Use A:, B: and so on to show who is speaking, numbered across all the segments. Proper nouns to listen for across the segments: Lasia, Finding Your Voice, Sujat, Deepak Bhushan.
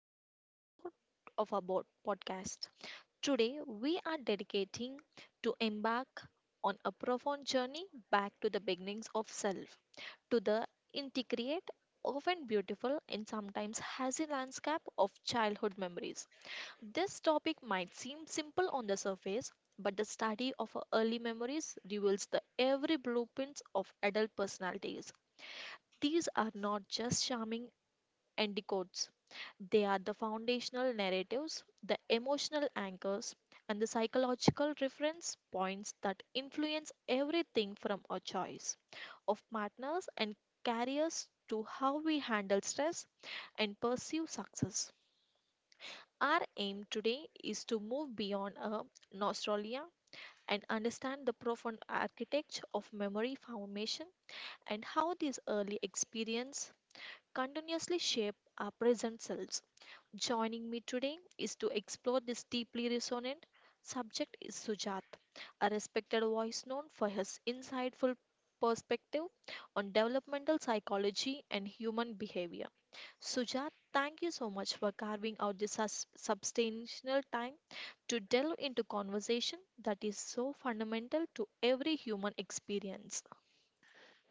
A: extended episode of our podcast. Today we are dedicating to embark on a profound journey back to the beginnings of self, to the intricate, often beautiful and sometimes hazy landscape of childhood memories. This topic might seem simple on the surface, but the study of our early memories reveals the every blueprints of adult personalities. These are not just charming anticodes they are the foundational narratives, the emotional anchors, and the psychological reference points that influence everything from our choice of partners and careers to how we handle stress and pursue success. Our aim today is to move beyond a nostalgia and understand the profound architecture of memory formation and how these early experiences continuously shape our present selves. Joining me today is to explore this deeply resonant subject is Sujat, a respected voice known for his insightful perspective on developmental psychology and human behavior. Sujat, thank you so much for carving out this substantial time to delve into conversation that is so fundamental to every human experience.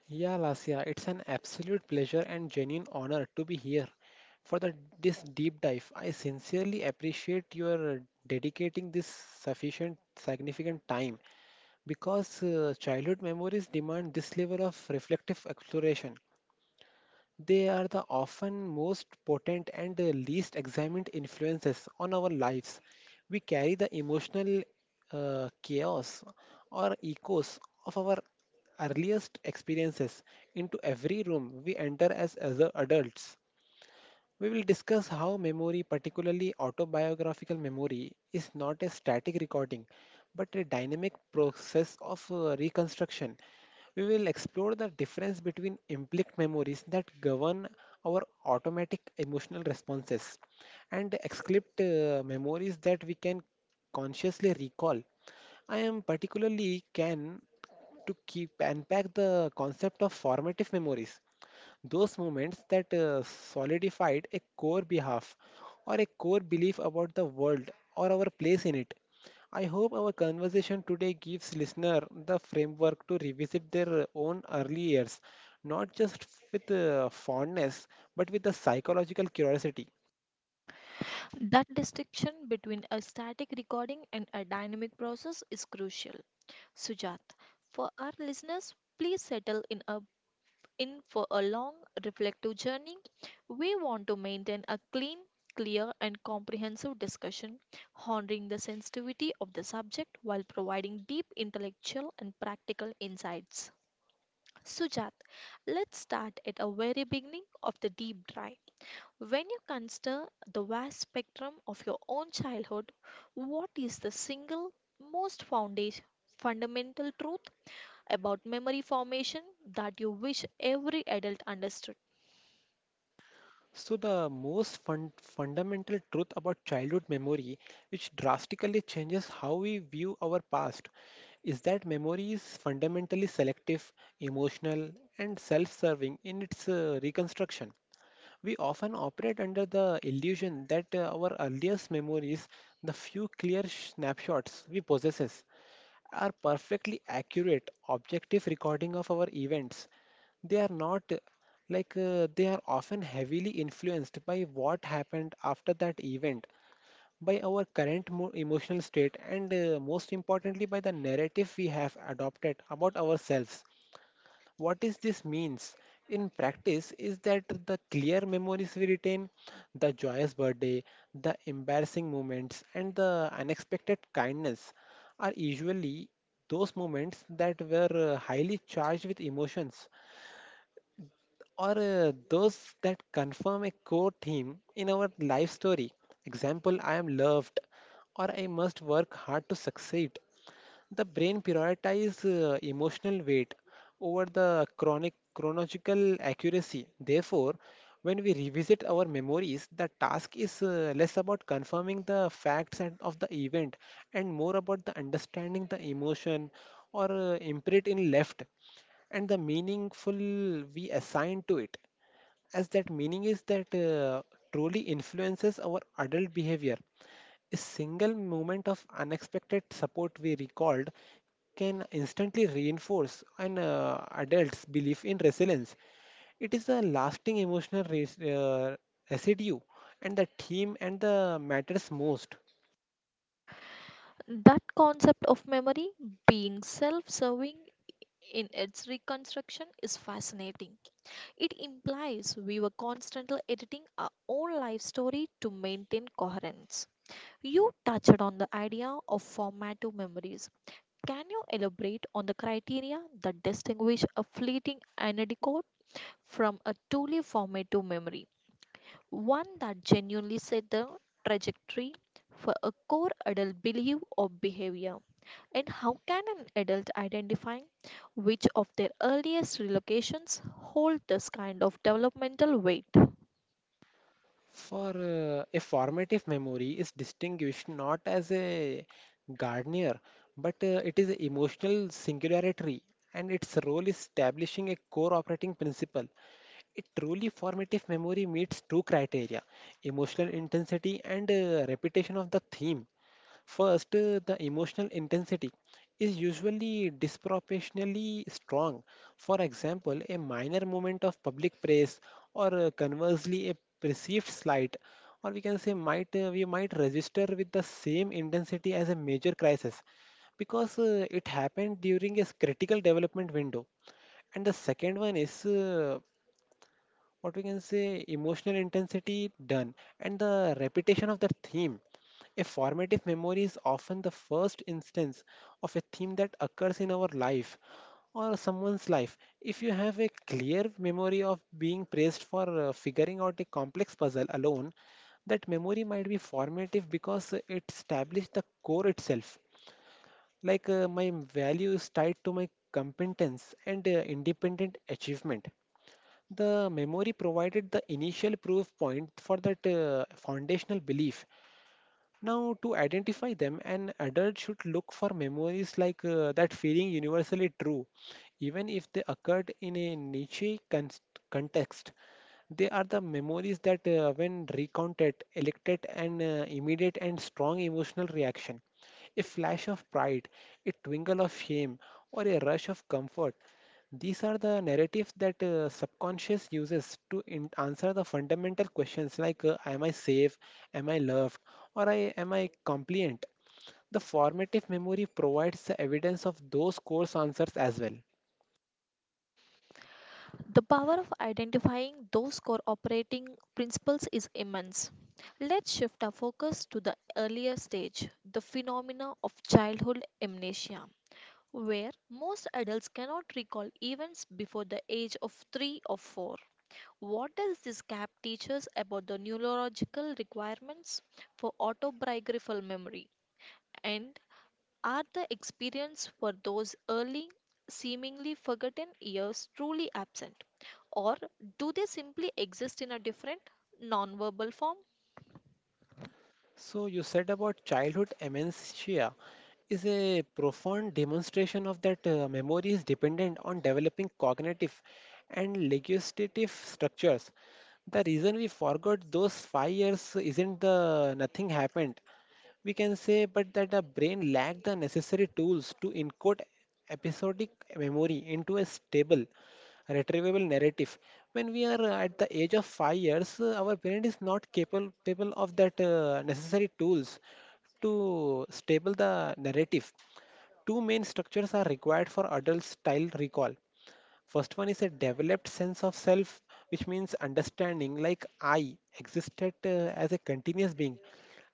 B: Yeah, Lasia, it's an absolute pleasure and genuine honor to be here for this deep dive. I sincerely appreciate your dedicating this significant time because childhood memories demand this level of reflective exploration. They are the often most potent and least examined influences on our lives. We carry the emotional chaos or echoes of our earliest experiences into every room we enter as adults. We will discuss how memory, particularly autobiographical memory, is not a static recording but a dynamic process of reconstruction. We will explore the difference between implicit memories that govern our automatic emotional responses and explicit memories that we can consciously recall. I am particularly can to keep unpack the concept of formative memories, those moments that solidified a core behalf or a core belief about the world or our place in it. I hope our conversation today gives listener the framework to revisit their own early years, not just with fondness, but with a psychological curiosity.
A: That distinction between a static recording and a dynamic process is crucial. Sujat, for our listeners, please settle in, in for a long, reflective journey. We want to maintain a clean, clear, and comprehensive discussion, honoring the sensitivity of the subject while providing deep intellectual and practical insights. Sujat, let's start at a very beginning of the deep dive. When you consider the vast spectrum of your own childhood, what is the single most fundamental truth about memory formation that you wish every adult understood?
B: So, the most fundamental truth about childhood memory, which drastically changes how we view our past, is that memory is fundamentally selective, emotional, and self serving in its reconstruction. We often operate under the illusion that our earliest memories, the few clear snapshots we possess, are perfectly accurate, objective recording of our events. They are not, like, they are often heavily influenced by what happened after that event, by our current emotional state, and most importantly, by the narrative we have adopted about ourselves. What is this means in practice is that the clear memories we retain, the joyous birthday, the embarrassing moments, and the unexpected kindness, are usually those moments that were highly charged with emotions or those that confirm a core theme in our life story. Example: I am loved, or I must work hard to succeed. The brain prioritizes emotional weight over the chronic chronological accuracy. Therefore, when we revisit our memories, the task is less about confirming the facts and of the event and more about the understanding the emotion or imprint in left and the meaningful we assign to it, as that meaning is that truly influences our adult behavior. A single moment of unexpected support we recalled can instantly reinforce an adult's belief in resilience. It is a lasting emotional residue, and the theme and the matters most.
A: That concept of memory being self serving in its reconstruction is fascinating. It implies we were constantly editing our own life story to maintain coherence. You touched on the idea of formative memories. Can you elaborate on the criteria that distinguish a fleeting anecdote from a truly formative memory, one that genuinely set the trajectory for a core adult belief or behavior? And how can an adult identify which of their earliest relocations hold this kind of developmental weight?
B: For a formative memory is distinguished not as a gardener, but it is an emotional singularity, and its role is establishing a core operating principle. A truly formative memory meets two criteria: emotional intensity and repetition of the theme. First, the emotional intensity is usually disproportionately strong. For example, a minor moment of public praise, or conversely, a perceived slight, or we can say might we might register with the same intensity as a major crisis because it happened during a critical development window. And the second one is what we can say emotional intensity done, and the repetition of the theme. A formative memory is often the first instance of a theme that occurs in our life or someone's life. If you have a clear memory of being praised for figuring out a complex puzzle alone, that memory might be formative because it established the core itself, like my value is tied to my competence and independent achievement. The memory provided the initial proof point for that foundational belief. Now, to identify them, an adult should look for memories like that feeling universally true, even if they occurred in a niche context. They are the memories that, when recounted, elected an immediate and strong emotional reaction. A flash of pride, a twinkle of shame, or a rush of comfort. These are the narratives that subconscious uses to answer the fundamental questions like, Am I safe? Am I loved? Or am I compliant? The formative memory provides the evidence of those course answers as well.
A: The power of identifying those core operating principles is immense. Let's shift our focus to the earlier stage, the phenomena of childhood amnesia, where most adults cannot recall events before the age of 3 or 4. What does this gap teach us about the neurological requirements for autobiographical memory, and are the experience for those early, seemingly forgotten years truly absent? Or do they simply exist in a different, nonverbal form?
B: So you said about childhood amnesia is a profound demonstration of that memory is dependent on developing cognitive and legislative structures. The reason we forgot those 5 years isn't the nothing happened, we can say, but that the brain lacked the necessary tools to encode episodic memory into a stable, retrievable narrative. When we are at the age of 5 years, our brain is not capable of that necessary tools to stable the narrative. Two main structures are required for adult style recall. First one is a developed sense of self, which means understanding like I existed as a continuous being.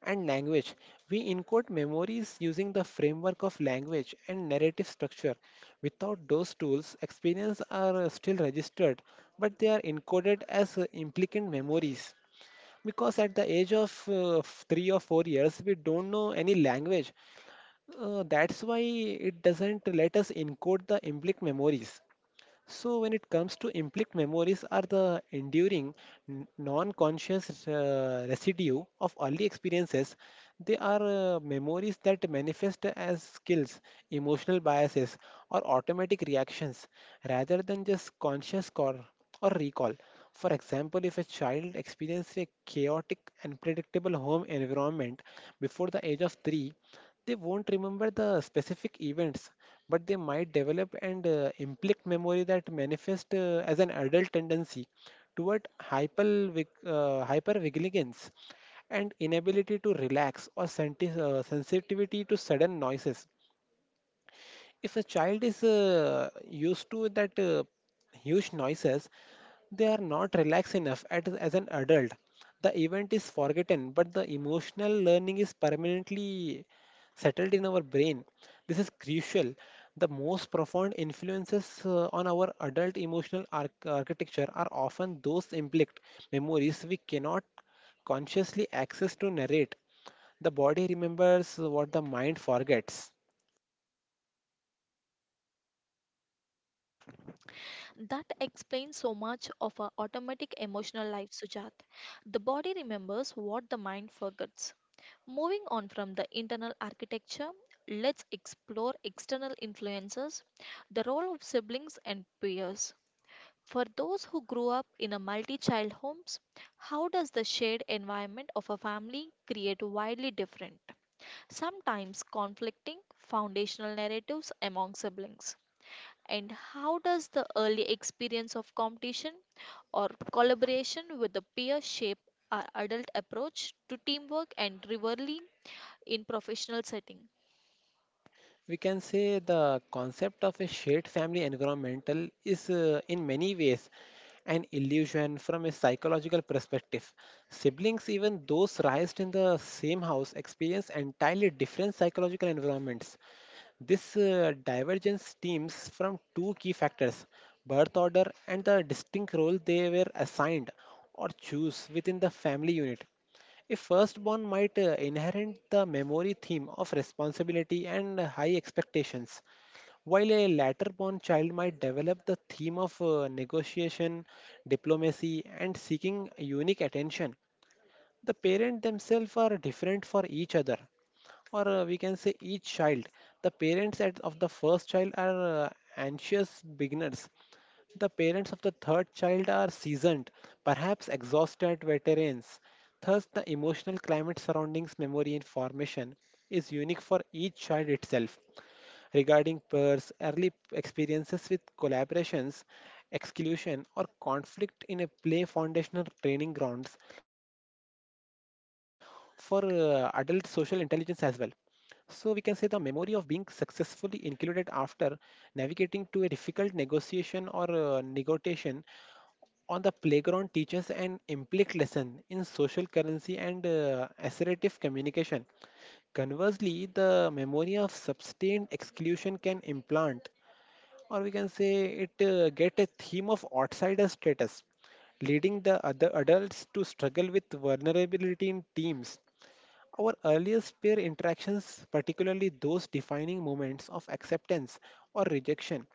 B: And language. We encode memories using the framework of language and narrative structure. Without those tools, experiences are still registered, but they are encoded as implicant memories. Because at the age of 3 or 4 years, we don't know any language. That's why it doesn't let us encode the implicit memories. So, when it comes to implicit memories, are the enduring non-conscious residue of early experiences. They are memories that manifest as skills, emotional biases, or automatic reactions, rather than just conscious or recall. For example, if a child experiences a chaotic and predictable home environment before the age of 3, they won't remember the specific events, but they might develop and implicate memory that manifest as an adult tendency toward hypervigilance and inability to relax or sensitivity to sudden noises. If a child is used to that huge noises, they are not relaxed enough as an adult. The event is forgotten, but the emotional learning is permanently settled in our brain. This is crucial. The most profound influences on our adult emotional architecture are often those implicit memories we cannot consciously access to narrate. The body remembers what the mind forgets.
A: That explains so much of our automatic emotional life, Sujat. The body remembers what the mind forgets. Moving on from the internal architecture, let's explore external influences, the role of siblings and peers. For those who grew up in a multi-child homes, how does the shared environment of a family create widely different, sometimes conflicting foundational narratives among siblings? And how does the early experience of competition or collaboration with the peer shape our adult approach to teamwork and rivalry in professional setting?
B: We can say the concept of a shared family environmental is, in many ways, an illusion from a psychological perspective. Siblings, even those raised in the same house, experience entirely different psychological environments. This divergence stems from two key factors: birth order and the distinct role they were assigned or choose within the family unit. A firstborn might inherit the memory theme of responsibility and high expectations, while a laterborn child might develop the theme of negotiation, diplomacy, and seeking unique attention. The parents themselves are different for each other, or we can say each child. The parents of the first child are anxious beginners, the parents of the third child are seasoned, perhaps exhausted veterans. Thus, the emotional climate surrounding memory and formation is unique for each child itself. Regarding peers, early experiences with collaborations, exclusion, or conflict in a play foundational training grounds for adult social intelligence as well. So, we can say the memory of being successfully included after navigating to a difficult negotiation, or negotiation on the playground, teaches an implicit lesson in social currency and assertive communication. Conversely, the memory of sustained exclusion can implant, or we can say it get a theme of outsider status, leading the other adults to struggle with vulnerability in teams. Our earliest peer interactions, particularly those defining moments of acceptance or rejection,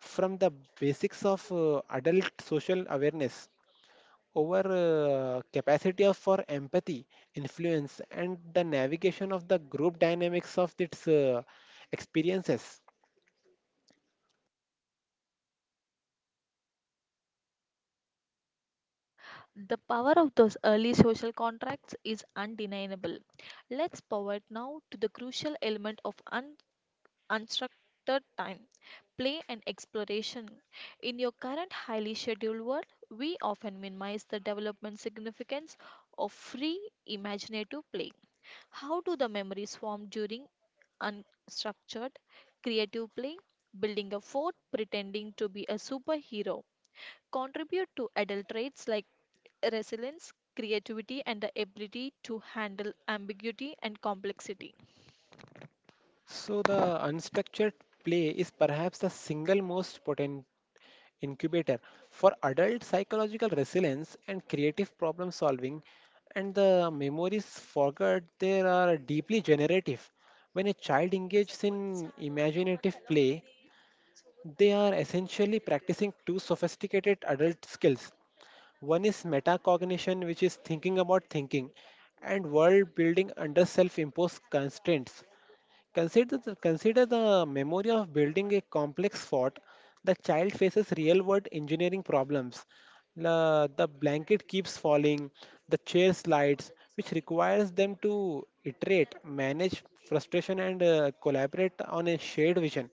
B: from the basics of adult social awareness, over capacity of for empathy, influence, and the navigation of the group dynamics of its experiences.
A: The power of those early social contracts is undeniable. Let's pivot now to the crucial element of un. Unstructured time, play, and exploration. In your current highly scheduled world, we often minimize the development significance of free imaginative play. How do the memories form during unstructured creative play? Building a fort, pretending to be a superhero, contribute to adult traits like resilience, creativity, and the ability to handle ambiguity and complexity.
B: So the unstructured play is perhaps the single most potent incubator for adult psychological resilience and creative problem solving, and the memories forgot there are deeply generative. When a child engages in imaginative play, they are essentially practicing two sophisticated adult skills. One is metacognition, which is thinking about thinking, and world building under self imposed constraints. Consider the memory of building a complex fort. The child faces real world engineering problems. The blanket keeps falling, the chair slides, which requires them to iterate, manage frustration, and collaborate on a shared vision.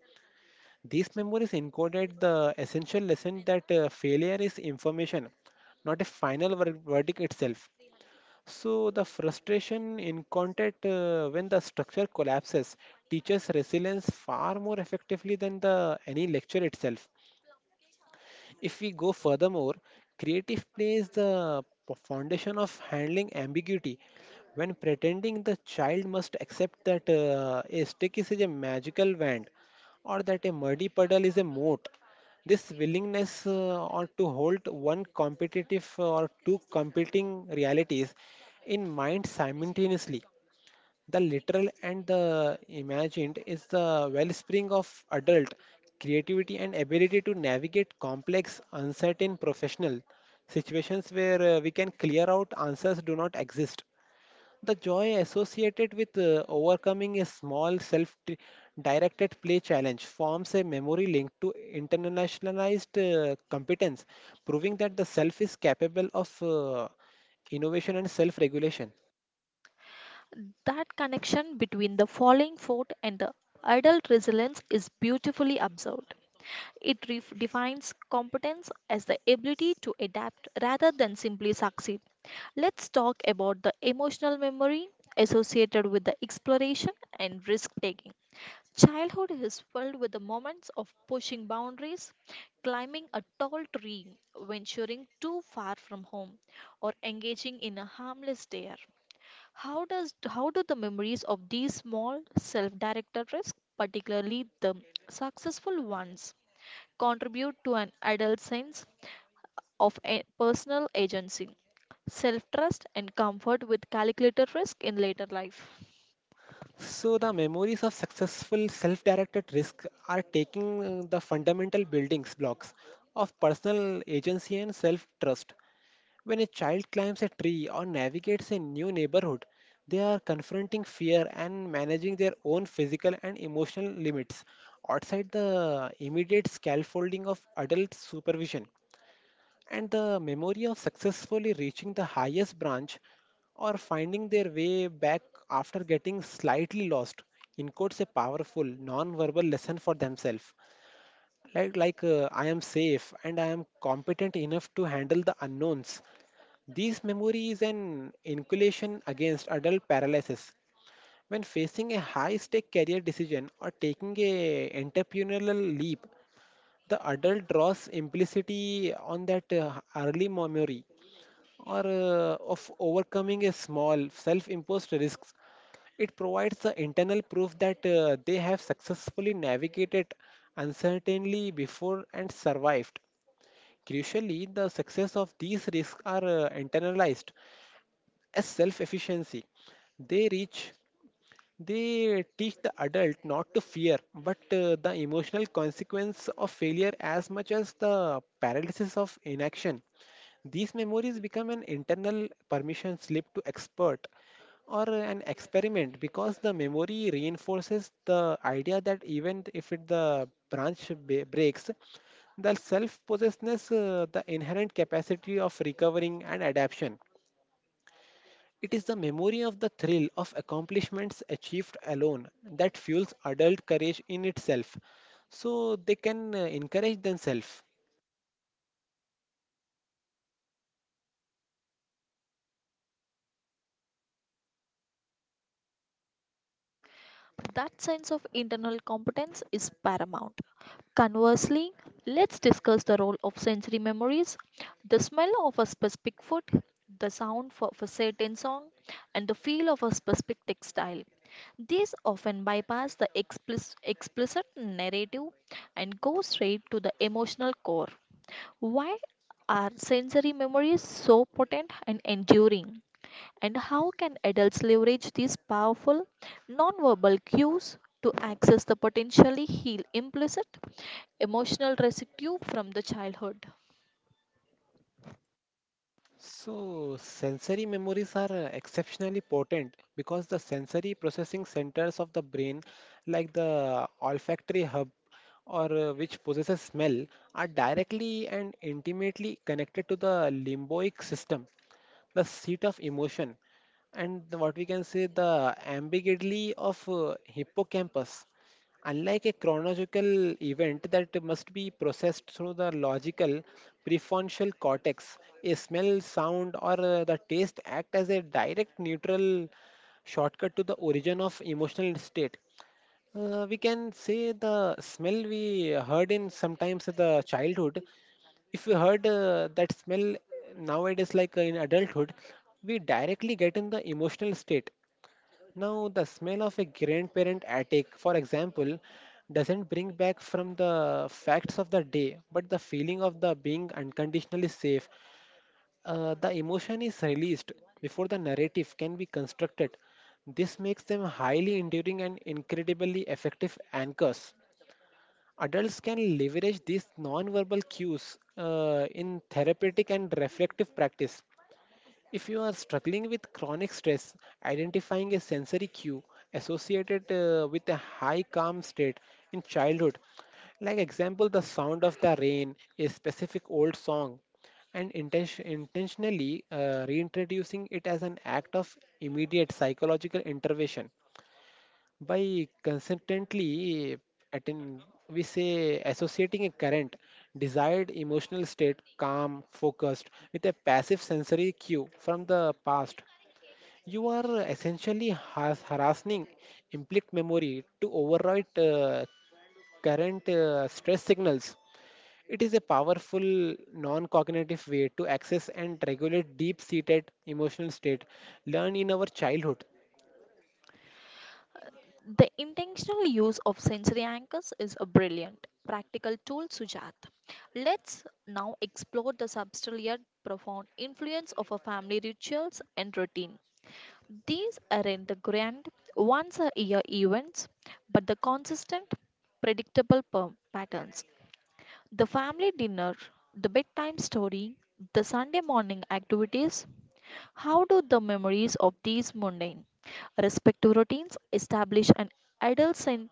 B: These memories encoded the essential lesson that failure is information, not a final verdict itself. So, the frustration in contact when the structure collapses teaches resilience far more effectively than the any lecture itself. If we go furthermore, creative play is the foundation of handling ambiguity. When pretending, the child must accept that a stick is a magical wand or that a muddy puddle is a moat. This willingness, or to hold one competitive or two competing realities in mind simultaneously, the literal and the imagined, is the wellspring of adult creativity and ability to navigate complex, uncertain professional situations where we can clear out answers do not exist. The joy associated with overcoming a small self directed play challenge forms a memory link to internationalized competence, proving that the self is capable of innovation and self regulation.
A: That connection between the falling fort and the adult resilience is beautifully observed. It defines competence as the ability to adapt rather than simply succeed. Let's talk about the emotional memory associated with the exploration and risk taking. Childhood is filled with the moments of pushing boundaries, climbing a tall tree, venturing too far from home, or engaging in a harmless dare. How do the memories of these small self-directed risks, particularly the successful ones, contribute to an adult sense of a personal agency, self-trust, and comfort with calculated risk in later life?
B: So, the memories of successful self directed risk are taking the fundamental building blocks of personal agency and self trust. When a child climbs a tree or navigates a new neighborhood, they are confronting fear and managing their own physical and emotional limits outside the immediate scaffolding of adult supervision. And the memory of successfully reaching the highest branch or finding their way back after getting slightly lost encodes a powerful non-verbal lesson for themselves like I am safe and I am competent enough to handle the unknowns. This memory is an inoculation against adult paralysis when facing a high stake career decision or taking a entrepreneurial leap. The adult draws implicitly on that early memory or of overcoming a small self-imposed risks. It provides the internal proof that they have successfully navigated uncertainty before and survived. Crucially, the success of these risks are internalized as self-efficiency. They reach, they teach the adult not to fear, but the emotional consequence of failure as much as the paralysis of inaction. These memories become an internal permission slip to expert or an experiment because the memory reinforces the idea that even if it, the breaks, the self possessedness, the inherent capacity of recovering and adaptation. It is the memory of the thrill of accomplishments achieved alone that fuels adult courage in itself. So they can encourage themselves.
A: That sense of internal competence is paramount. Conversely, let's discuss the role of sensory memories. The smell of a specific food, the sound of a certain song, and the feel of a specific textile. These often bypass the explicit narrative and go straight to the emotional core. Why are sensory memories so potent and enduring? And how can adults leverage these powerful nonverbal cues to access the potentially heal implicit emotional residue from the childhood?
B: So, sensory memories are exceptionally potent because the sensory processing centers of the brain, like the olfactory hub or which possesses smell, are directly and intimately connected to the limbic system, the seat of emotion, and the- what we can say the ambiguity of hippocampus. Unlike a chronological event that must be processed through the logical prefrontal cortex, a smell, sound, or the taste act as a direct neutral shortcut to the origin of emotional state. We can say the smell we heard in sometimes the childhood, if we heard that smell nowadays like in adulthood, we directly get in the emotional state. Now, the smell of a grandparent attic, for example, doesn't bring back from the facts of the day, but the feeling of the being unconditionally safe. The emotion is released before the narrative can be constructed. This makes them highly enduring and incredibly effective anchors. Adults can leverage these non-verbal cues in therapeutic and reflective practice. If you are struggling with chronic stress, identifying a sensory cue associated with a high calm state in childhood, like example the sound of the rain, a specific old song, and intentionally reintroducing it as an act of immediate psychological intervention by consistently attain, we say associating a current desired emotional state calm focused with a passive sensory cue from the past, you are essentially has harassing implicit memory to override current stress signals. It is a powerful non-cognitive way to access and regulate deep-seated emotional state learned in our childhood.
A: The intentional use of sensory anchors is a brilliant practical tool, Sujat. Let's now explore the subtle yet profound influence of a family rituals and routine. These aren't the grand once a year events, but the consistent, predictable patterns. The family dinner, the bedtime story, the Sunday morning activities. How do the memories of these mundane, respective routines establish an adult sense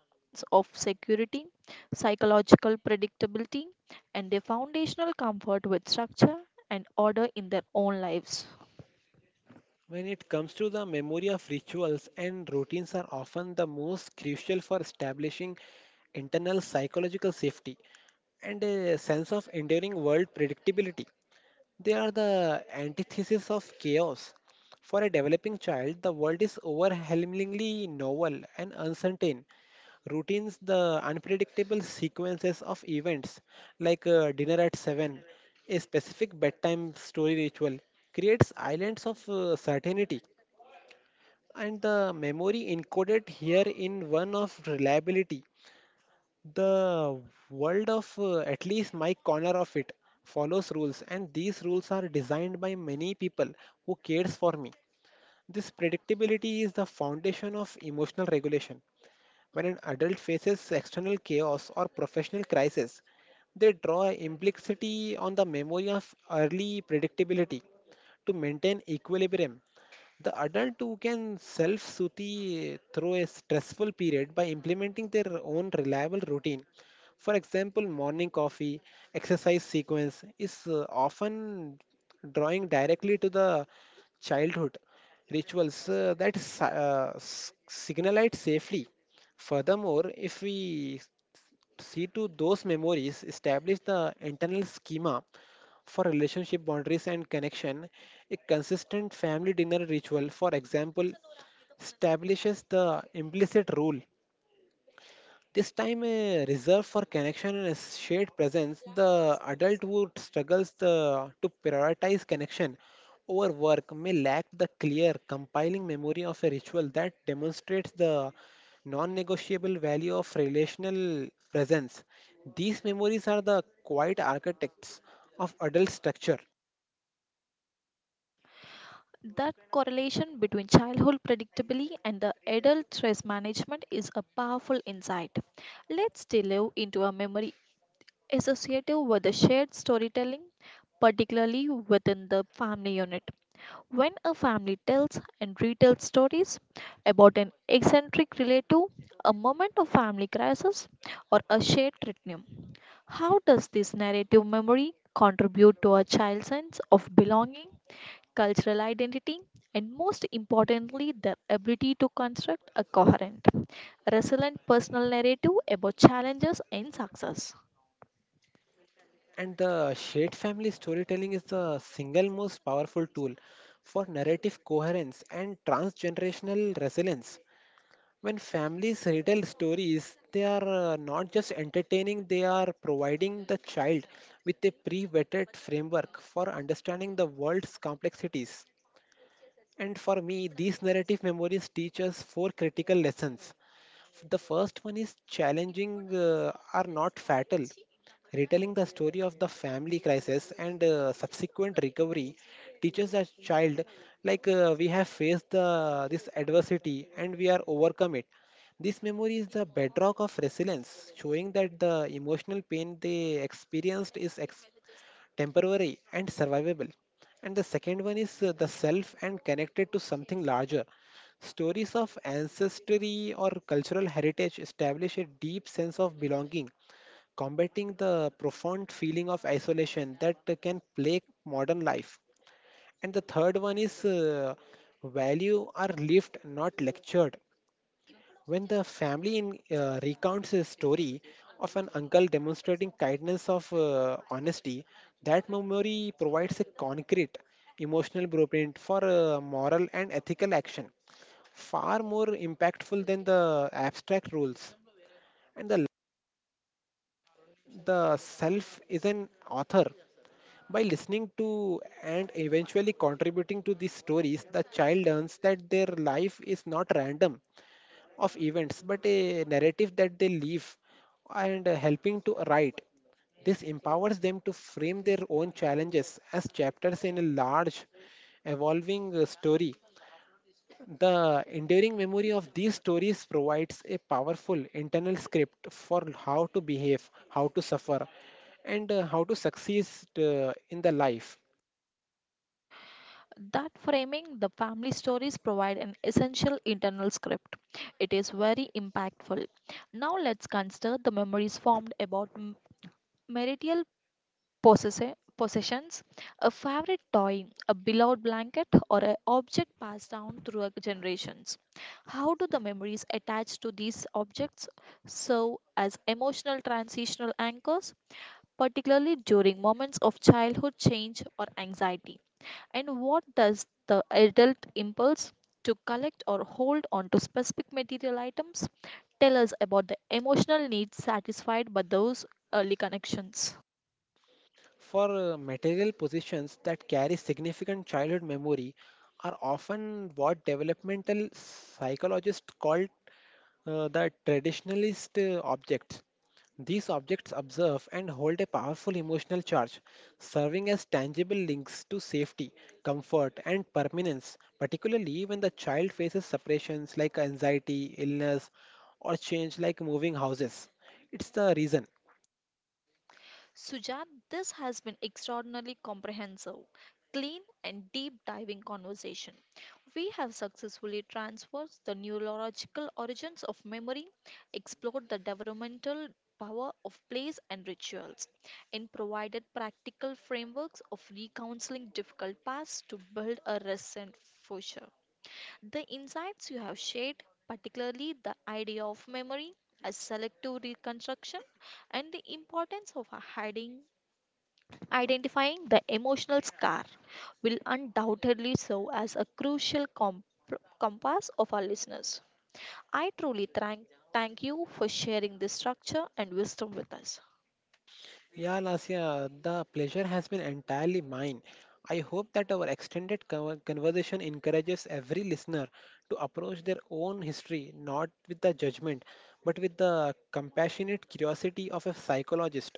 A: of security, psychological predictability, and a foundational comfort with structure and order in their own lives?
B: When it comes to the memory of rituals and routines are often the most crucial for establishing internal psychological safety and a sense of enduring world predictability. They are the antithesis of chaos. For a developing child, the world is overwhelmingly novel and uncertain. Routines, the unpredictable sequences of events, like dinner at 7, a specific bedtime story ritual, creates islands of certainty, and the memory encoded here in one of reliability. The world of at least my corner of it follows rules, and these rules are designed by many people who cares for me. This predictability is the foundation of emotional regulation. When an adult faces external chaos or professional crisis, they draw implicitly on the memory of early predictability to maintain equilibrium, the adult who can self soothe through a stressful period by implementing their own reliable routine. For example, morning coffee, exercise sequence is often drawing directly to the childhood rituals that signalite safely. Furthermore, if we see to those memories, establish the internal schema for relationship boundaries and connection, a consistent family dinner ritual, for example, establishes the implicit rule. This time a reserve for connection and a shared presence, the adult who struggles the, to prioritize connection over work may lack the clear, compiling memory of a ritual that demonstrates the non negotiable value of relational presence. These memories are the quiet architects of adult structure.
A: That correlation between childhood predictability and the adult stress management is a powerful insight. Let's delve into a memory associated with the shared storytelling, particularly within the family unit. When a family tells and retells stories about an eccentric relative, a moment of family crisis, or a shared retinue, how does this narrative memory contribute to a child's sense of belonging, cultural identity, and most importantly, their ability to construct a coherent, resilient personal narrative about challenges and success?
B: And the shared family storytelling is the single most powerful tool for narrative coherence and transgenerational resilience. When families retell stories, they are not just entertaining, they are providing the child with a pre vetted framework for understanding the world's complexities. And for me, these narrative memories teach us four critical lessons. The first one is challenging are not fatal. Retelling the story of the family crisis and subsequent recovery teaches a child like we have faced the, this adversity and we are overcome it. This memory is the bedrock of resilience, showing that the emotional pain they experienced is temporary and survivable. And the second one is the self and connected to something larger. Stories of ancestry or cultural heritage establish a deep sense of belonging, combating the profound feeling of isolation that can plague modern life. And the third one is value are lived, not lectured. When the family in, recounts a story of an uncle demonstrating kindness of honesty, that memory provides a concrete emotional blueprint for moral and ethical action, far more impactful than the abstract rules. And the self is an author. By listening to and eventually contributing to these stories, the child learns that their life is not random of events, but a narrative that they live and helping to write. This empowers them to frame their own challenges as chapters in a large, evolving story. The enduring memory of these stories provides a powerful internal script for how to behave, how to suffer, and how to succeed in the life.
A: That framing the family stories provide an essential internal script. It is very impactful. Now let's consider the memories formed about marital possessions, a favorite toy, a beloved blanket, or an object passed down through a generations. How do the memories attached to these objects serve as emotional transitional anchors, particularly during moments of childhood change or anxiety? And what does the adult impulse to collect or hold on to specific material items tell us about the emotional needs satisfied by those early connections?
B: For material possessions that carry significant childhood memory are often what developmental psychologists call the traditionalist objects. These objects observe and hold a powerful emotional charge, serving as tangible links to safety, comfort, and permanence, particularly when the child faces separations like anxiety, illness, or change like moving houses. It's the reason.
A: Sujat, this has been extraordinarily comprehensive, clean, and deep diving conversation. We have successfully traversed the neurological origins of memory, explored the developmental power of plays and rituals, and provided practical frameworks of recounseling difficult past to build a recent future. The insights you have shared, particularly the idea of memory as selective reconstruction and the importance of hiding Identifying the emotional scar will undoubtedly serve as a crucial compass of our listeners. I truly thank you for sharing this structure and wisdom with us.
B: Yeah, Nasia, the pleasure has been entirely mine. I hope that our extended conversation encourages every listener to approach their own history not with the judgment, but with the compassionate curiosity of a psychologist.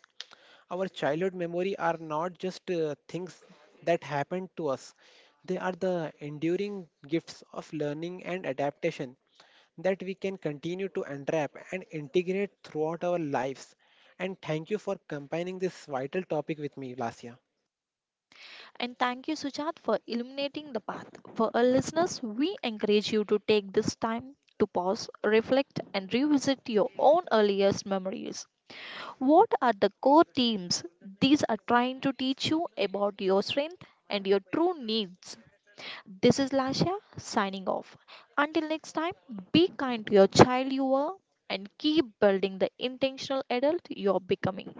B: Our childhood memory are not just things that happened to us, they are the enduring gifts of learning and adaptation that we can continue to unwrap and integrate throughout our lives. And thank you for combining this vital topic with me, Lasya.
A: And thank you, Sujat, for illuminating the path. For our listeners, we encourage you to take this time to pause, reflect, and revisit your own earliest memories. What are the core themes these are trying to teach you about your strength and your true needs? This is Lasha signing off. Until next time, be kind to your child you are and keep building the intentional adult you're becoming.